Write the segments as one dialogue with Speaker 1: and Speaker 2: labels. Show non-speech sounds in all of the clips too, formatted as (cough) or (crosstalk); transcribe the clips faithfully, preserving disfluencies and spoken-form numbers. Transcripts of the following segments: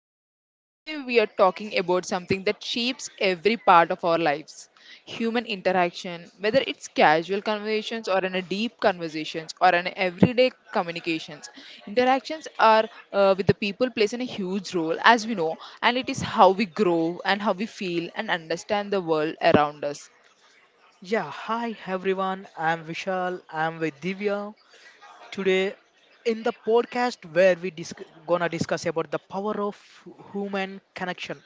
Speaker 1: Divyasri, and today we are talking about something that shapes every part of our lives. Human interaction, whether it's casual conversations or in a deep conversations or in everyday communications. Interactions are uh, with the people plays in a huge role, as we know, and it is how we grow and how we feel and understand the world around us.
Speaker 2: Yeah, hi everyone. I'm Vishal. I'm with Divya. Today in the podcast where we disc- gonna discuss about the power of human connection.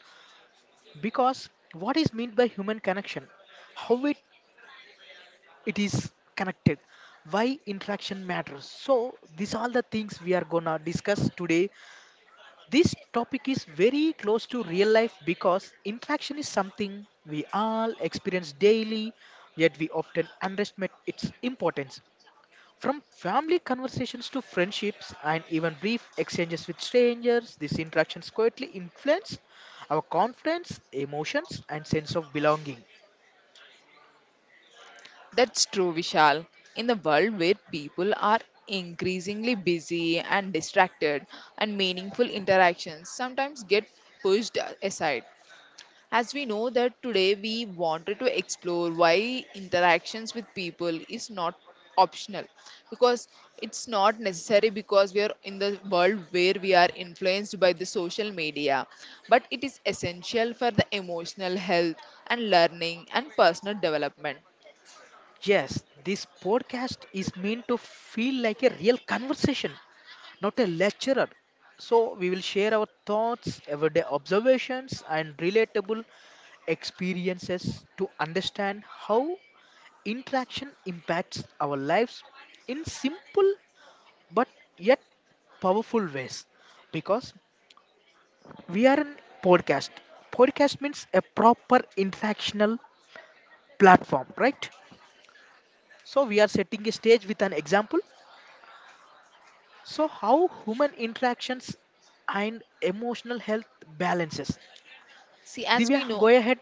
Speaker 2: Because what is meant by human connection, how it it is connected, why interaction matters. So these are the things we are gonna discuss today. This topic is very close to real life because interaction is something we all experience daily, yet we often underestimate its importance. From family conversations to friendships and even brief exchanges with strangers, these interactions quietly influence our confidence, emotions, and sense of belonging.
Speaker 1: That's true, Vishal. In the world where people are increasingly busy and distracted, and meaningful interactions sometimes get pushed aside. As we know that today we wanted to explore why interactions with people is not optional, because it's not necessary because we are in the world where we are influenced by the social media, but it is essential for the emotional health and learning and personal development.
Speaker 2: Yes, this podcast is meant to feel like a real conversation, not a lecturer. So, we will share our thoughts, everyday observations, and relatable experiences to understand how interaction impacts our lives in simple but yet powerful ways, because we are in podcast podcast means a proper interactional platform, right? So we are setting a stage with an example. So how human interactions and emotional health balances?
Speaker 1: See, as
Speaker 2: Divya,
Speaker 1: we
Speaker 2: go
Speaker 1: know,
Speaker 2: ahead.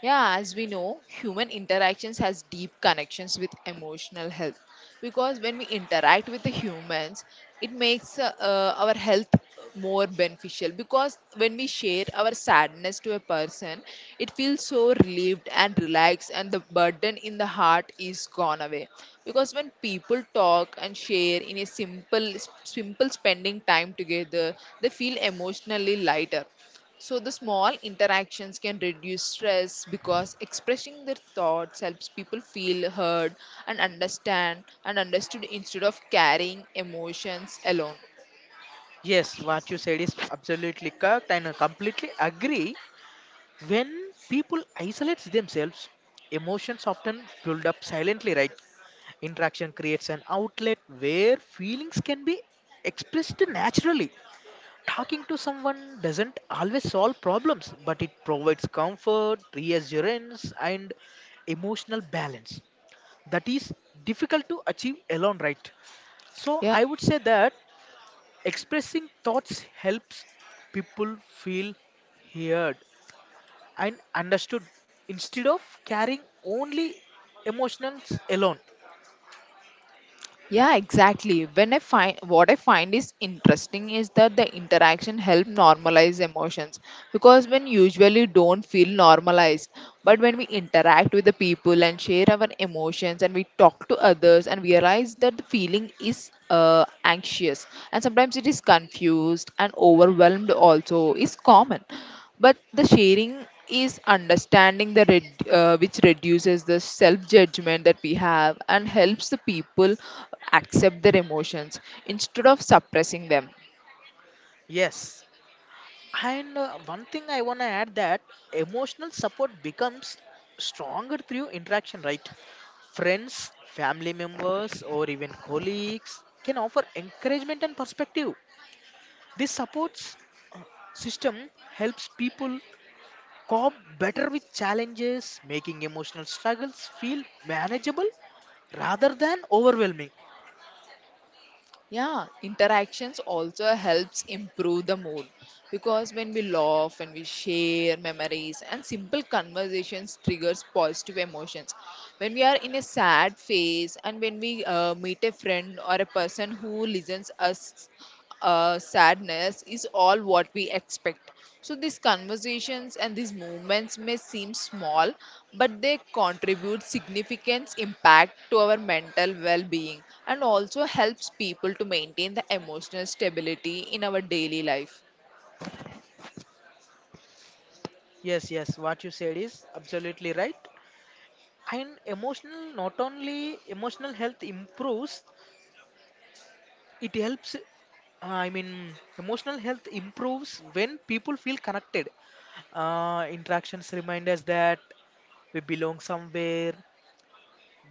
Speaker 1: yeah, as we know, human interactions has deep connections with emotional health because when we interact with the humans, it makes uh, uh, our health more beneficial because when we share our sadness to a person, it feels so relieved and relaxed and the burden in the heart is gone away, because when people talk and share in a simple simple spending time together, they feel emotionally lighter. So, the small interactions can reduce stress because expressing their thoughts helps people feel heard and understand and understood instead of carrying emotions alone.
Speaker 2: Yes, what you said is absolutely correct and I completely agree. When people isolate themselves, emotions often build up silently, right? Interaction creates an outlet where feelings can be expressed naturally. Talking to someone doesn't always solve problems, but it provides comfort, reassurance, and emotional balance. That is difficult to achieve alone, right? So
Speaker 1: Yeah,
Speaker 2: I would say that expressing thoughts helps people feel heard and understood instead of carrying only emotions alone.
Speaker 1: yeah, exactly. When I find what I find is interesting is that the interaction help normalize emotions, because when usually don't feel normalized, but when we interact with the people and share our emotions and we talk to others and realize that the feeling is uh, anxious, and sometimes it is confused and overwhelmed also is common, but the sharing is understanding the red, uh, which reduces the self judgment that we have and helps the people accept their emotions instead of suppressing them.
Speaker 2: Yes. And uh, one thing I want to add, that emotional support becomes stronger through interaction, right? Friends, family members, or even colleagues can offer encouragement and perspective. This supports, uh, system, helps people cope better with challenges, making emotional struggles feel manageable rather than overwhelming.
Speaker 1: Yeah, interactions also helps improve the mood, because when we laugh and we share memories and simple conversations triggers positive emotions. When we are in a sad phase and when we uh, meet a friend or a person who listens us, uh, sadness is all what we expect. So these conversations and these movements may seem small, but they contribute significant impact to our mental well-being and also helps people to maintain the emotional stability in our daily life.
Speaker 2: Yes, yes, what you said is absolutely right. And emotional, not only emotional health improves. It helps, uh, I mean, emotional health improves when people feel connected. Uh, interactions remind us that we belong somewhere.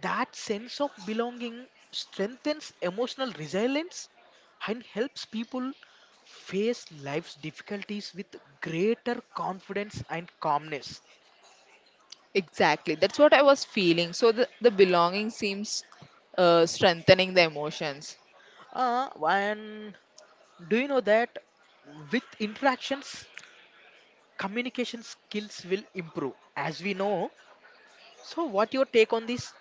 Speaker 2: That sense of belonging strengthens emotional resilience and helps people face life's difficulties with greater confidence and calmness.
Speaker 1: Exactly, that's what I was feeling. So the, the belonging seems uh, strengthening the emotions.
Speaker 2: Uh, and do you know that with interactions, communication skills will improve? As we know, so, what your take on this?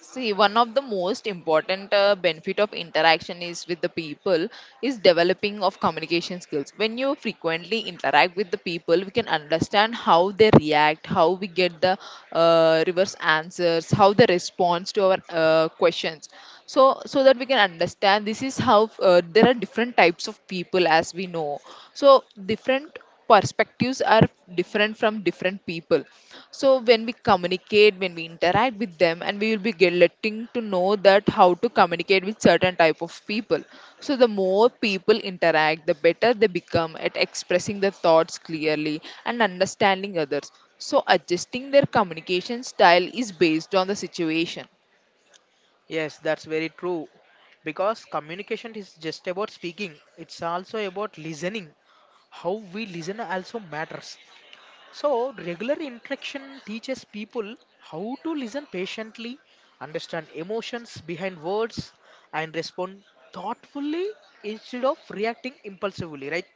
Speaker 1: See, one of the most important uh, benefit of interaction is with the people is developing of communication skills. When you frequently interact with the people, we can understand how they react, how we get the uh, reverse answers, how they respond to our uh, questions. So, so that we can understand, this is how uh, there are different types of people, as we know. So, different perspectives are different from different people. So when we communicate, when we interact with them, and we will be getting to know that how to communicate with certain type of people. So the more people interact, the better they become at expressing their thoughts clearly and understanding others. So adjusting their communication style is based on the situation.
Speaker 2: Yes, that's very true. Because communication is just about speaking, it's also about listening. How we listen also matters. So, regular interaction teaches people how to listen patiently, understand emotions behind words, and respond thoughtfully instead of reacting impulsively, right?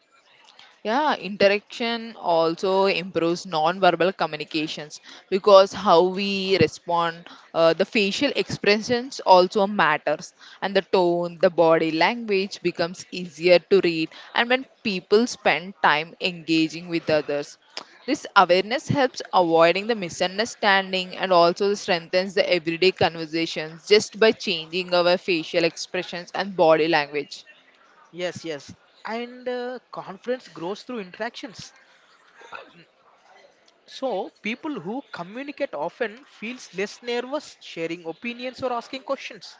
Speaker 1: Yeah, interaction also improves non-verbal communications, because how we respond, uh, the facial expressions also matters, and the tone, the body language becomes easier to read. And when people spend time engaging with others, this awareness helps avoiding the misunderstanding and also strengthens the everyday conversations just by changing our facial expressions and body language.
Speaker 2: Yes, yes. And uh, confidence grows through interactions. So, people who communicate often feels less nervous sharing opinions or asking questions.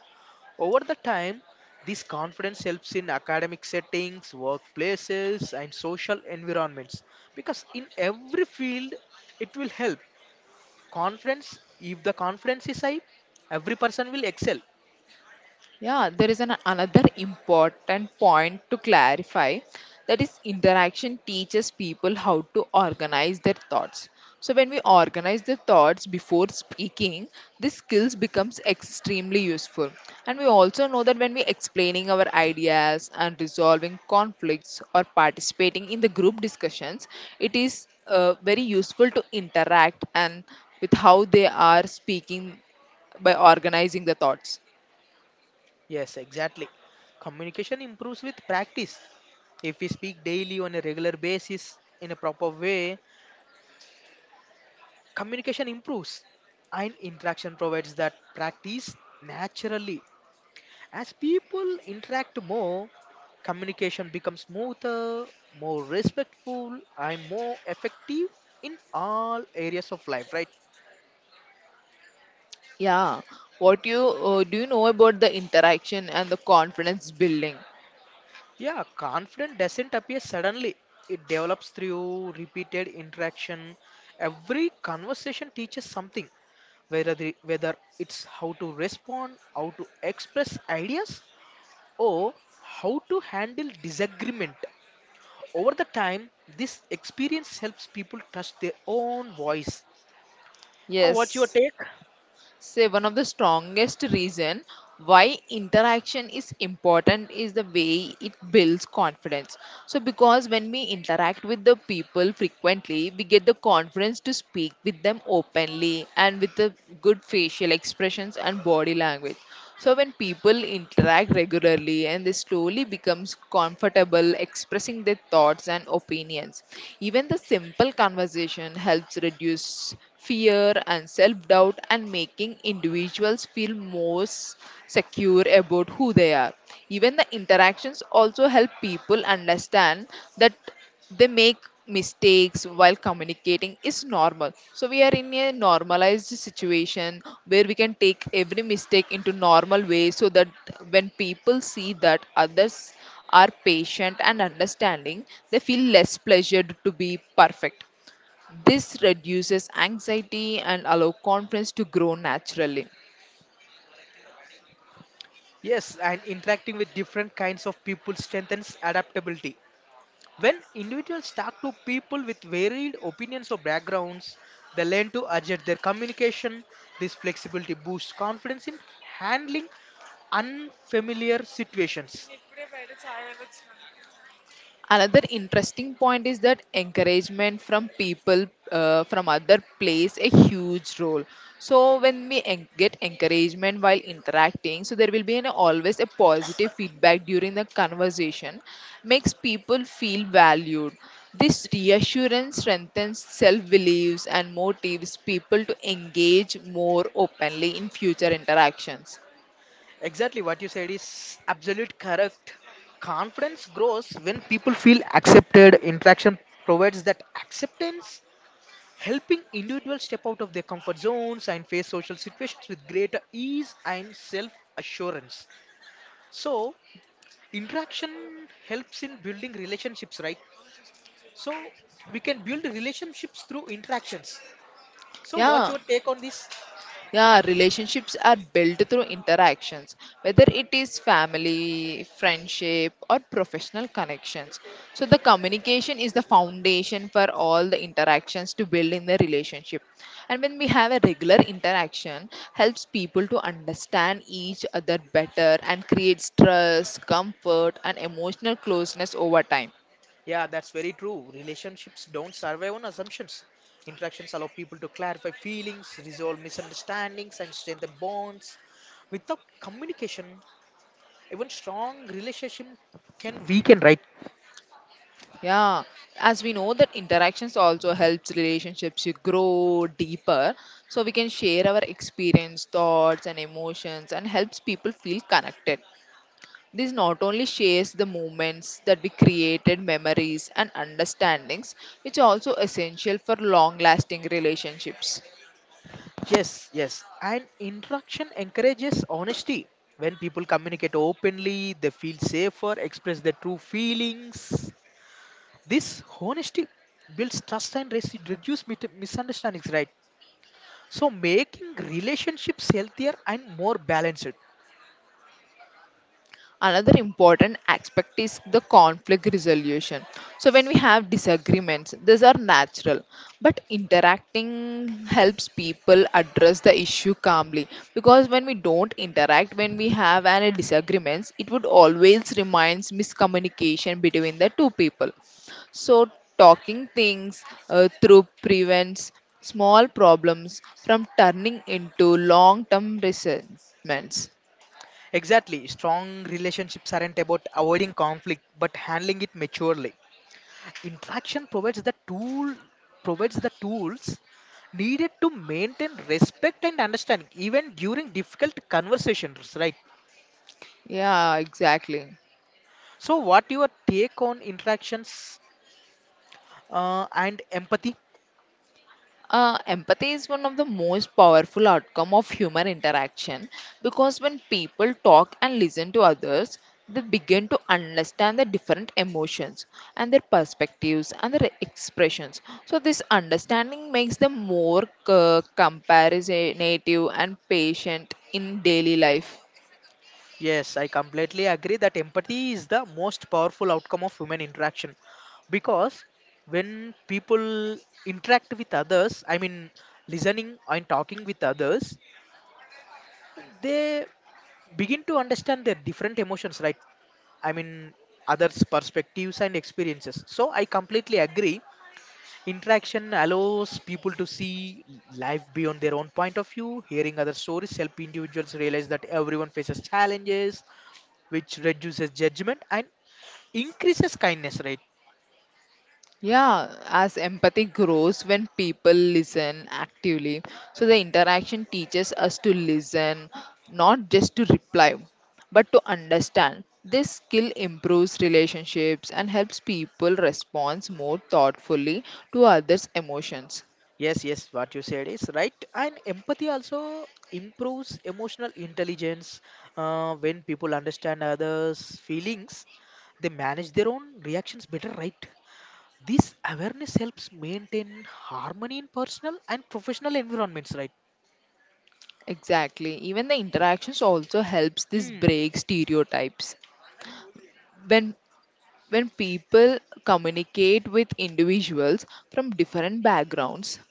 Speaker 2: Over the time, this confidence helps in academic settings, workplaces, and social environments, because in every field it will help. Confidence, if the confidence is high, every person will excel.
Speaker 1: Yeah, there is an another important point to clarify, that is interaction teaches people how to organize their thoughts. So when we organize the thoughts before speaking, this skills becomes extremely useful. And we also know that when we explaining our ideas and resolving conflicts or participating in the group discussions, it is uh, very useful to interact and with how they are speaking by organizing the thoughts.
Speaker 2: Yes, exactly. Communication improves with practice. If we speak daily on a regular basis in a proper way, communication improves and interaction provides that practice naturally. As people interact more, communication becomes smoother, more respectful and more effective in all areas of life, right?
Speaker 1: Yeah, what you uh, do you know about the interaction and the confidence building?
Speaker 2: Yeah, confidence doesn't appear suddenly. It develops through repeated interaction. Every conversation teaches something, whether the, whether it's how to respond, how to express ideas, or how to handle disagreement. Over the time, this experience helps people trust their own voice. Uh, what's your
Speaker 1: Yes,
Speaker 2: take?
Speaker 1: say one of the strongest reason why interaction is important is the way it builds confidence. So because when we interact with the people frequently, we get the confidence to speak with them openly and with the good facial expressions and body language. So when people interact regularly, and they slowly becomes comfortable expressing their thoughts and opinions, even the simple conversation helps reduce fear and self doubt and making individuals feel more s- secure about who they are. Even the interactions also help people understand that they make mistakes while communicating is normal. So we are in a normalized situation where we can take every mistake into normal way, so that when people see that others are patient and understanding, they feel less pleasured to be perfect. This reduces anxiety and allow confidence to grow naturally.
Speaker 2: Yes, and interacting with different kinds of people strengthens adaptability. When individuals talk to people with varied opinions or backgrounds, they learn to adjust their communication. This flexibility boosts confidence in handling unfamiliar situations.
Speaker 1: Another interesting point is that encouragement from people uh, from other plays a huge role. So when we en- get encouragement while interacting, so there will be an, always a positive feedback during the conversation, makes people feel valued. This reassurance strengthens self beliefs and motivates people to engage more openly in future interactions.
Speaker 2: Exactly, what you said is absolute correct. Confidence grows when people feel accepted. Interaction provides that acceptance, helping individuals step out of their comfort zones and face social situations with greater ease and self assurance. So, interaction helps in building relationships, right? So, we can build relationships through interactions. So, what's
Speaker 1: Yeah,
Speaker 2: your take on this?
Speaker 1: yeah, relationships are built through interactions, whether it is family, friendship, or professional connections. So, the communication is the foundation for all the interactions to build in the relationship. And when we have a regular interaction, helps people to understand each other better and creates trust, comfort, and emotional closeness over time.
Speaker 2: Yeah, that's very true. Relationships don't survive on assumptions. Interactions allow people to clarify feelings, resolve misunderstandings, and strengthen bonds. Without communication, even strong relationship can weaken, right?
Speaker 1: Yeah, as we know that interactions also helps relationships to grow deeper. So we can share our experience, thoughts and emotions and helps people feel connected. This not only shares the moments that we created, memories and understandings, which are also essential for long lasting relationships.
Speaker 2: Yes, yes. And interaction encourages honesty. When people communicate openly, they feel safer, express their true feelings. This honesty builds trust and res- reduce mit- misunderstandings, right? So making relationships healthier and more balanced.
Speaker 1: Another important aspect is the conflict resolution. So, when we have disagreements, these are natural, but interacting helps people address the issue calmly. Because when we don't interact, when we have any disagreements, it would always reminds miscommunication between the two people. So, talking things uh, through prevents small problems from turning into long term resentments.
Speaker 2: Exactly. Strong relationships aren't about avoiding conflict but handling it maturely. Interaction provides the tool provides the tools needed to maintain respect and understanding even during difficult conversations, right?
Speaker 1: Yeah, exactly.
Speaker 2: So what your take on interactions uh, and empathy?
Speaker 1: Uh, empathy is one of the most powerful outcome of human interaction, because when people talk and listen to others, they begin to understand the different emotions and their perspectives and their expressions. So this understanding makes them more uh, comparative and patient in daily life.
Speaker 2: Yes, I completely agree that empathy is the most powerful outcome of human interaction, because when people interact with others, I mean, listening and talking with others, they begin to understand their different emotions, right? I mean, others' perspectives and experiences. So, I completely agree. Interaction allows people to see life beyond their own point of view. Hearing other stories help individuals realize that everyone faces challenges, which reduces judgment and increases kindness, right?
Speaker 1: Yeah, as empathy grows when people listen actively. So the interaction teaches us to listen, not just to reply, but to understand. This skill improves relationships and helps people respond more thoughtfully to others' emotions.
Speaker 2: Yes, yes, what you said is right. And empathy also improves emotional intelligence. Uh, when people understand others' feelings, they manage their own reactions better, right? This awareness helps maintain harmony in personal and professional environments, right?
Speaker 1: Exactly. Even the interactions also helps this
Speaker 2: Mm.
Speaker 1: break stereotypes. When when people communicate with individuals from different backgrounds,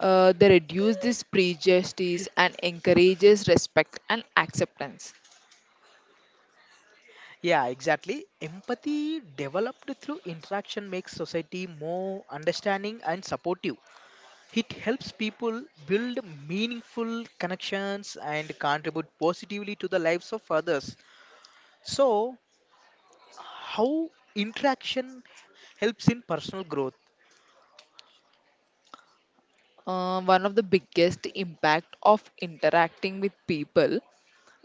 Speaker 1: Uh, they reduce this prejudice and encourages respect and acceptance.
Speaker 2: Yeah, exactly. Empathy developed through interaction makes society more understanding and supportive. It helps people build meaningful connections and contribute positively to the lives of others. So, how interaction helps in personal growth?
Speaker 1: Uh, one of the biggest impact of interacting with people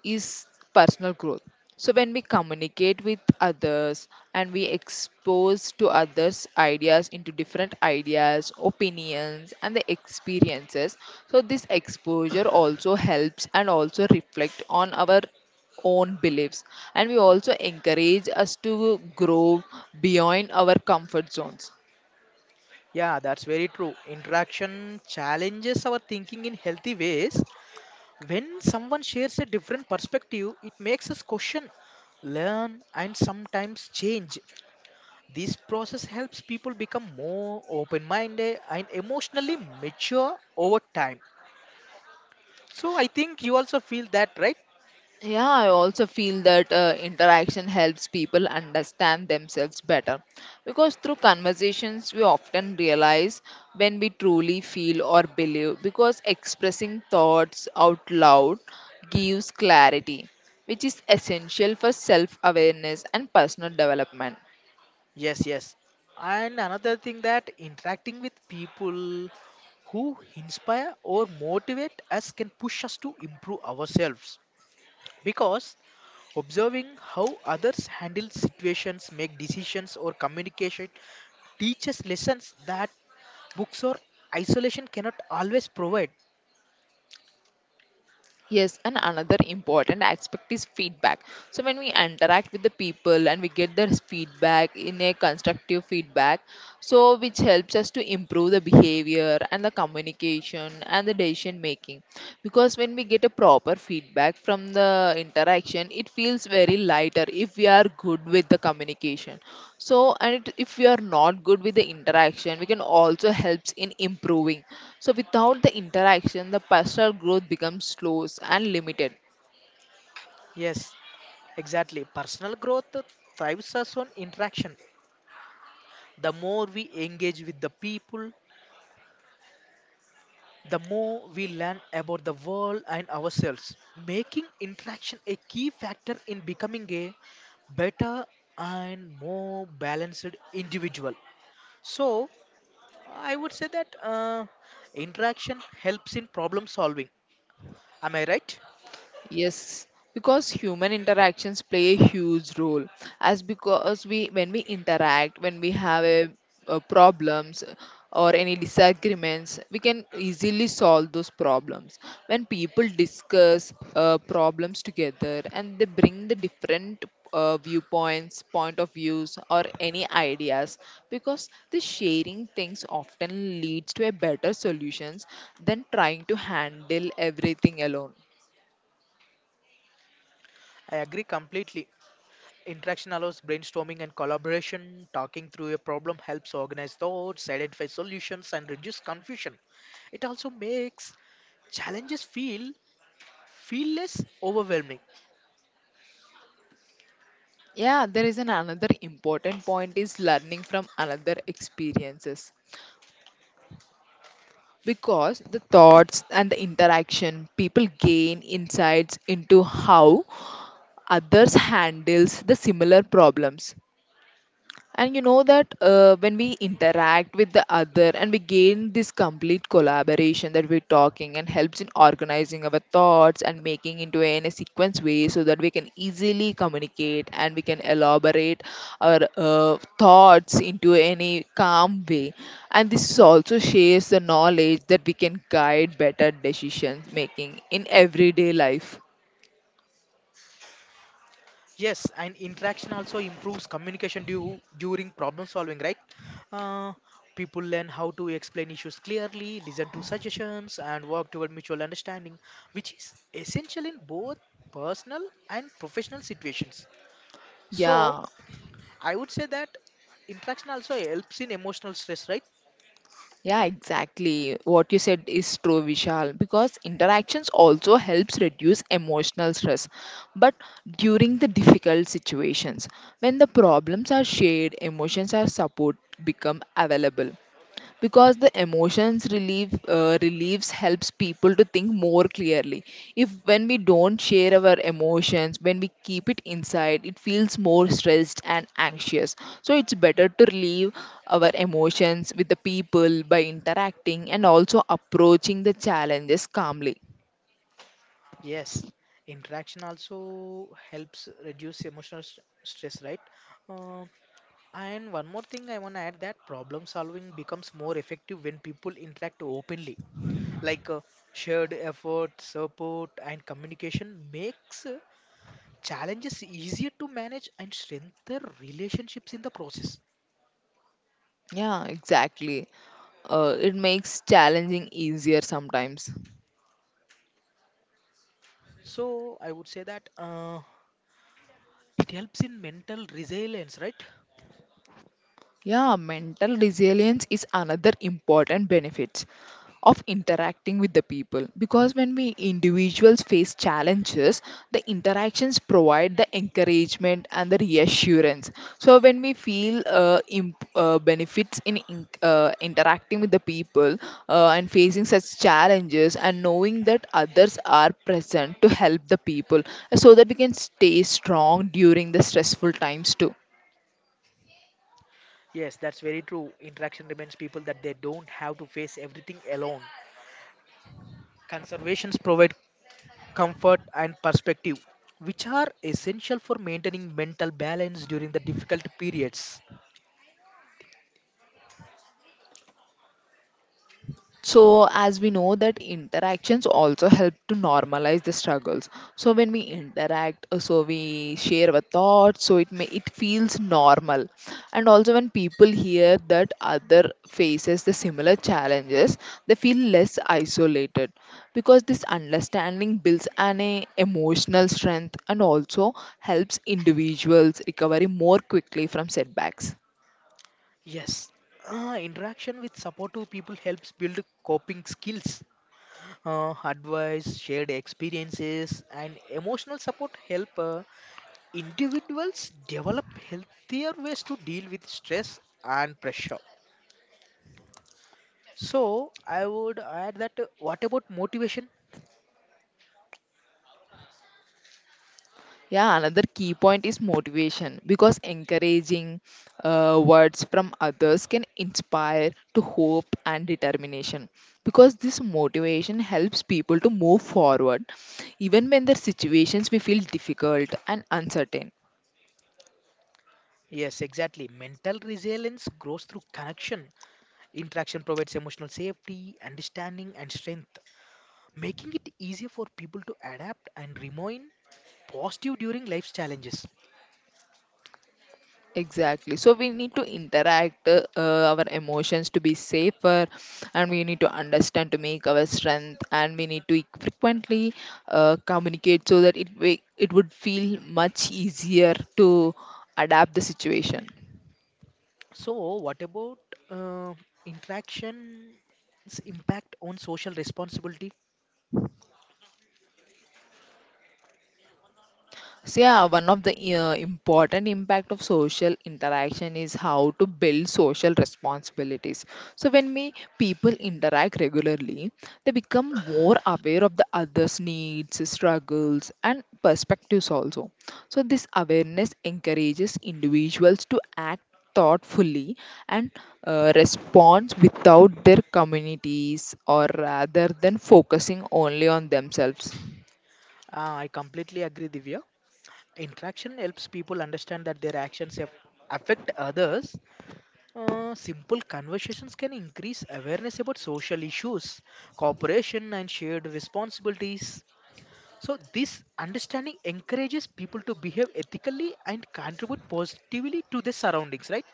Speaker 1: is personal growth. So when we communicate with others, and we expose to others ideas into different ideas, opinions and the experiences. So this exposure also helps and also reflect on our own beliefs, and we also encourage us to grow beyond our comfort zones.
Speaker 2: Yeah, that's very true. Interaction challenges our thinking in healthy ways. When someone shares a different perspective, it makes us question, learn, and sometimes change. This process helps people become more open minded and emotionally mature over time. So I think you also feel that, right?
Speaker 1: Yeah, I also feel that uh, interaction helps people understand themselves better, because through conversations we often realize when we truly feel or believe, because expressing thoughts out loud gives clarity, which is essential for self awareness and personal development.
Speaker 2: Yes, yes. And another thing, that interacting with people who inspire or motivate us can push us to improve ourselves, because observing how others handle situations, make decisions or communication teaches lessons that books or isolation cannot always provide.
Speaker 1: Yes, and another important aspect is feedback. So when we interact with the people and we get their feedback in a constructive feedback, so which helps us to improve the behavior and the communication and the decision making. Because when we get a proper feedback from the interaction, it feels very lighter if we are good with the communication. So and it, if we are not good with the interaction, we can also helps in improving. So without the interaction, the personal growth becomes slow and limited.
Speaker 2: Yes, exactly. Personal growth thrives us on interaction. The more we engage with the people, the more we learn about the world and ourselves, making interaction a key factor in becoming a better and more balanced individual. So, I would say that uh, interaction helps in problem solving. Am I right?
Speaker 1: Yes, because human interactions play a huge role. As because we, when we interact, when we have a, uh problems or any disagreements, we can easily solve those problems. When people discuss uh, problems together, and they bring the different uh, viewpoints, point of views, or any ideas, because the sharing things often leads to a better solutions than trying to handle everything alone.
Speaker 2: I agree completely. Interaction allows brainstorming and collaboration. Talking through a problem helps organize thoughts, identify solutions, and reduce confusion. It also makes challenges feel feel less overwhelming.
Speaker 1: Yeah, there is an another important point is learning from another experiences, because the thoughts and the interaction people gain insights into how others handles the similar problems. And you know that uh, when we interact with the other, and we gain this complete collaboration that we're talking, and helps in organizing our thoughts and making into in a sequence way, so that we can easily communicate and we can elaborate our uh, thoughts into any calm way. And this also shares the knowledge that we can guide better decision making in everyday life.
Speaker 2: Yes, and interaction also improves communication due, during problem solving, right? Uh, people learn how to explain issues clearly, listen to suggestions and work toward mutual understanding, which is essential in both personal and professional situations. So
Speaker 1: Yeah.
Speaker 2: I would say that interaction also helps in emotional stress, right?
Speaker 1: Yeah, exactly. What you said is true, Vishal, because interactions also helps reduce emotional stress. But during the difficult situations, when the problems are shared, emotions are support become available because the emotions relieve uh, relieves helps people to think more clearly if when we don't share our emotions, when we keep it inside it feels more stressed and anxious, so it's better to relieve our emotions with the people by interacting and also approaching the challenges calmly.
Speaker 2: Yes, interaction also helps reduce emotional st- stress, right? Uh, And one more thing I want to add, that problem solving becomes more effective when people interact openly. Like, uh, shared effort, support, and communication makes uh, challenges easier to manage and strengthen relationships in the process.
Speaker 1: Yeah, exactly. Uh, it makes challenging easier sometimes.
Speaker 2: So I would say that uh, it helps in mental resilience, right?
Speaker 1: Yeah, mental resilience is another important benefit of interacting with the people because when we individuals face challenges, the interactions provide the encouragement and the reassurance. So when we feel uh, imp- uh, benefits in, in uh, interacting with the people, uh, and facing such challenges and knowing that others are present to help the people so that we can stay strong during the stressful times too.
Speaker 2: Yes, that's very true. Interaction reminds people that they don't have to face everything alone. Conservations provide comfort, and perspective, which are essential for maintaining mental balance during the difficult periods.
Speaker 1: So as we know that interactions also help to normalize the struggles, so when we interact, uh, so we share our thoughts, so it may it feels normal. And also when people hear that other faces the similar challenges, they feel less isolated, because this understanding builds an eh, emotional strength and also helps individuals recover more quickly from setbacks.
Speaker 2: Yes, uh, interaction with supportive people helps build coping skills. Uh, advice, shared experiences, and emotional support help uh, individuals develop healthier ways to deal with stress and pressure. So, I would add that, uh, what about motivation?
Speaker 1: Yeah, another key point is motivation because encouraging uh, words from others can inspire to hope and determination, because this motivation helps people to move forward even when their situations may feel difficult and uncertain.
Speaker 2: Yes, exactly. Mental resilience grows through connection. Interaction provides emotional safety, understanding, and strength, making it easier for people to adapt and remain positive during life's challenges.
Speaker 1: Exactly. So we need to interact uh, our emotions to be safer, and we need to understand to make our strength, and we need to e-, frequently uh, communicate so that it wa- it would feel much easier to adapt the situation.
Speaker 2: So, what about uh, interaction's impact on social responsibility?
Speaker 1: So yeah, one of the uh, important impact of social interaction is how to build social responsibilities. So when we people interact regularly, they become more aware of the others' needs, struggles, and perspectives also. So this awareness encourages individuals to act thoughtfully and uh, respond without their communities or rather than focusing only on themselves.
Speaker 2: Uh, I completely agree, Divya. Interaction helps people understand that their actions have affect others. Uh, simple conversations can increase awareness about social issues, cooperation, and shared responsibilities. So, this understanding encourages people to behave ethically and contribute positively to their surroundings, right?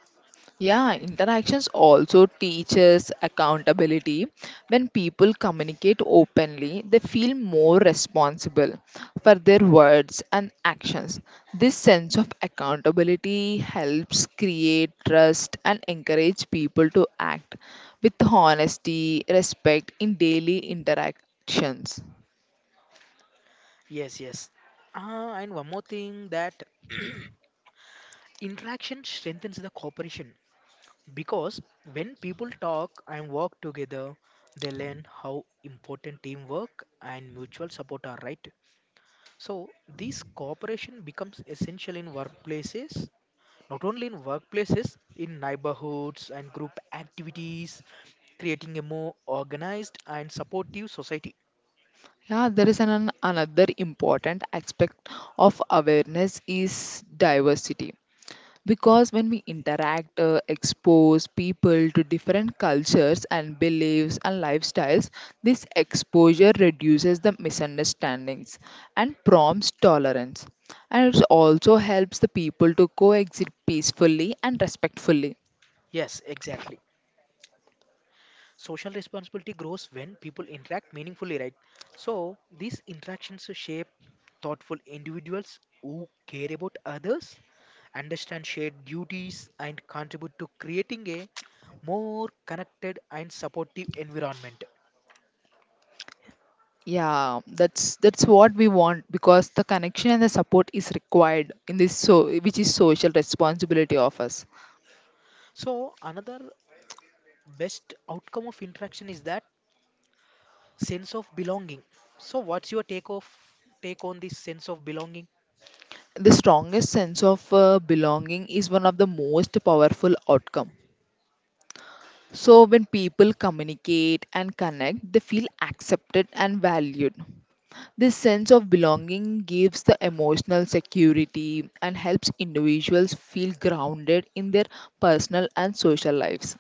Speaker 1: Yeah, interactions also teaches accountability. When people communicate openly, they feel more responsible for their words and actions. This sense of accountability helps create trust and encourage people to act with honesty, respect in daily interactions.
Speaker 2: Yes, yes. Uh, and one more thing that (clears throat) interaction strengthens the cooperation, because when people talk and work together, they learn how important teamwork and mutual support are, right? So, this cooperation becomes essential in workplaces, not only in workplaces, in neighborhoods and group activities, creating a more organized and supportive society.
Speaker 1: Yeah, there is an, another important aspect of awareness is diversity, because when we interact uh, expose people to different cultures and beliefs and lifestyles. This exposure reduces the misunderstandings and prompts tolerance, and it also helps the people to coexist peacefully and respectfully.
Speaker 2: Yes, exactly. Social responsibility grows when people interact meaningfully, right? So, these interactions shape thoughtful individuals who care about others, understand shared duties, and contribute to creating a more connected and supportive environment.
Speaker 1: Yeah, that's that's what we want because the connection and the support is required in this, so which is social responsibility of us.
Speaker 2: So, another best outcome of interaction is that sense of belonging. So what's your take of take on this sense of belonging?
Speaker 1: The strongest sense of uh, belonging is one of the most powerful outcome. So, when people communicate and connect, they feel accepted and valued. This sense of belonging gives the emotional security and helps individuals feel grounded in their personal and social lives.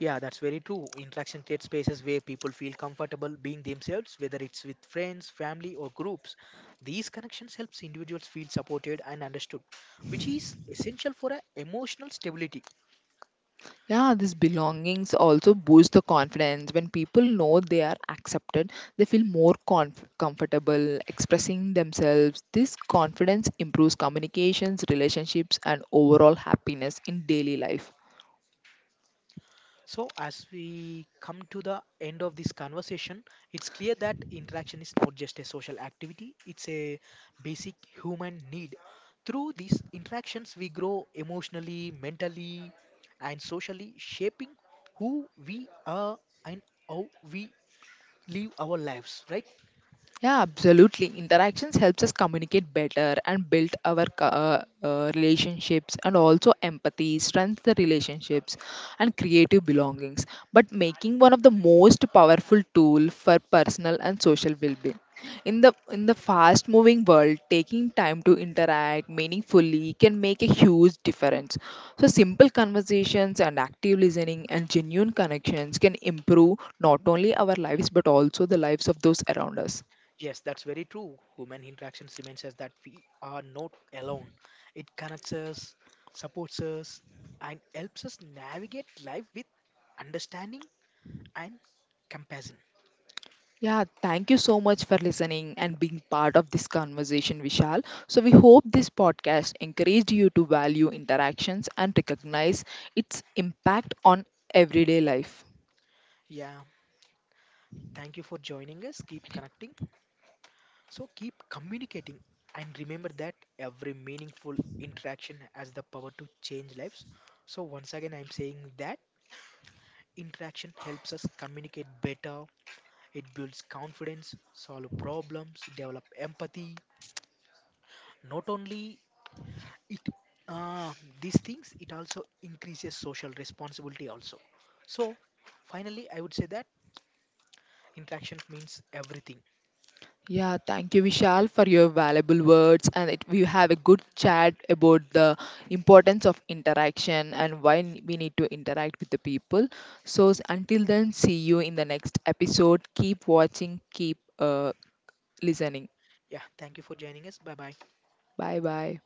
Speaker 2: Yeah, that's very true. Interaction creates spaces where people feel comfortable being themselves, whether it's with friends, family or groups. These connections helps individuals feel supported and understood, which is essential for a emotional stability.
Speaker 1: Yeah, these belongings also boost the confidence. When people know they are accepted, they feel more conf- comfortable expressing themselves. This confidence improves communications, relationships, and overall happiness in daily life.
Speaker 2: So, as we come to the end of this conversation, it's clear that interaction is not just a social activity, it's a basic human need. Through these interactions, we grow emotionally, mentally, and socially, shaping who we are and how we live our lives, right?
Speaker 1: Yeah, absolutely. Interactions helps us communicate better and build our co- uh, uh, relationships and also empathy, strengthens the relationships and creative belongings. But making one of the most powerful tool for personal and social well-being. In the in the fast-moving world, taking time to interact meaningfully can make a huge difference. So simple conversations and active listening and genuine connections can improve not only our lives but also the lives of those around us.
Speaker 2: Yes, that's very true. Human interactions reminds us that we are not alone. It connects us, supports us, and helps us navigate life with understanding and compassion.
Speaker 1: Yeah, thank you so much for listening and being part of this conversation, Vishal. So, we hope this podcast encouraged you to value interactions and recognize its impact on everyday life.
Speaker 2: Yeah, thank you for joining us. Keep connecting. So keep communicating and remember that every meaningful interaction has the power to change lives. So once again I'm saying that interaction helps us communicate better, it builds confidence, solve problems, develop empathy. Not only it uh, these things, it also increases social responsibility also. So finally I would say that interaction means everything.
Speaker 1: Yeah, thank you, Vishal, for your valuable words. And it, we have a good chat about the importance of interaction and why n- we need to interact with the people. So, s- until then, see you in the next episode. Keep watching, keep uh, listening.
Speaker 2: Yeah, thank you for joining us, bye bye.
Speaker 1: Bye bye.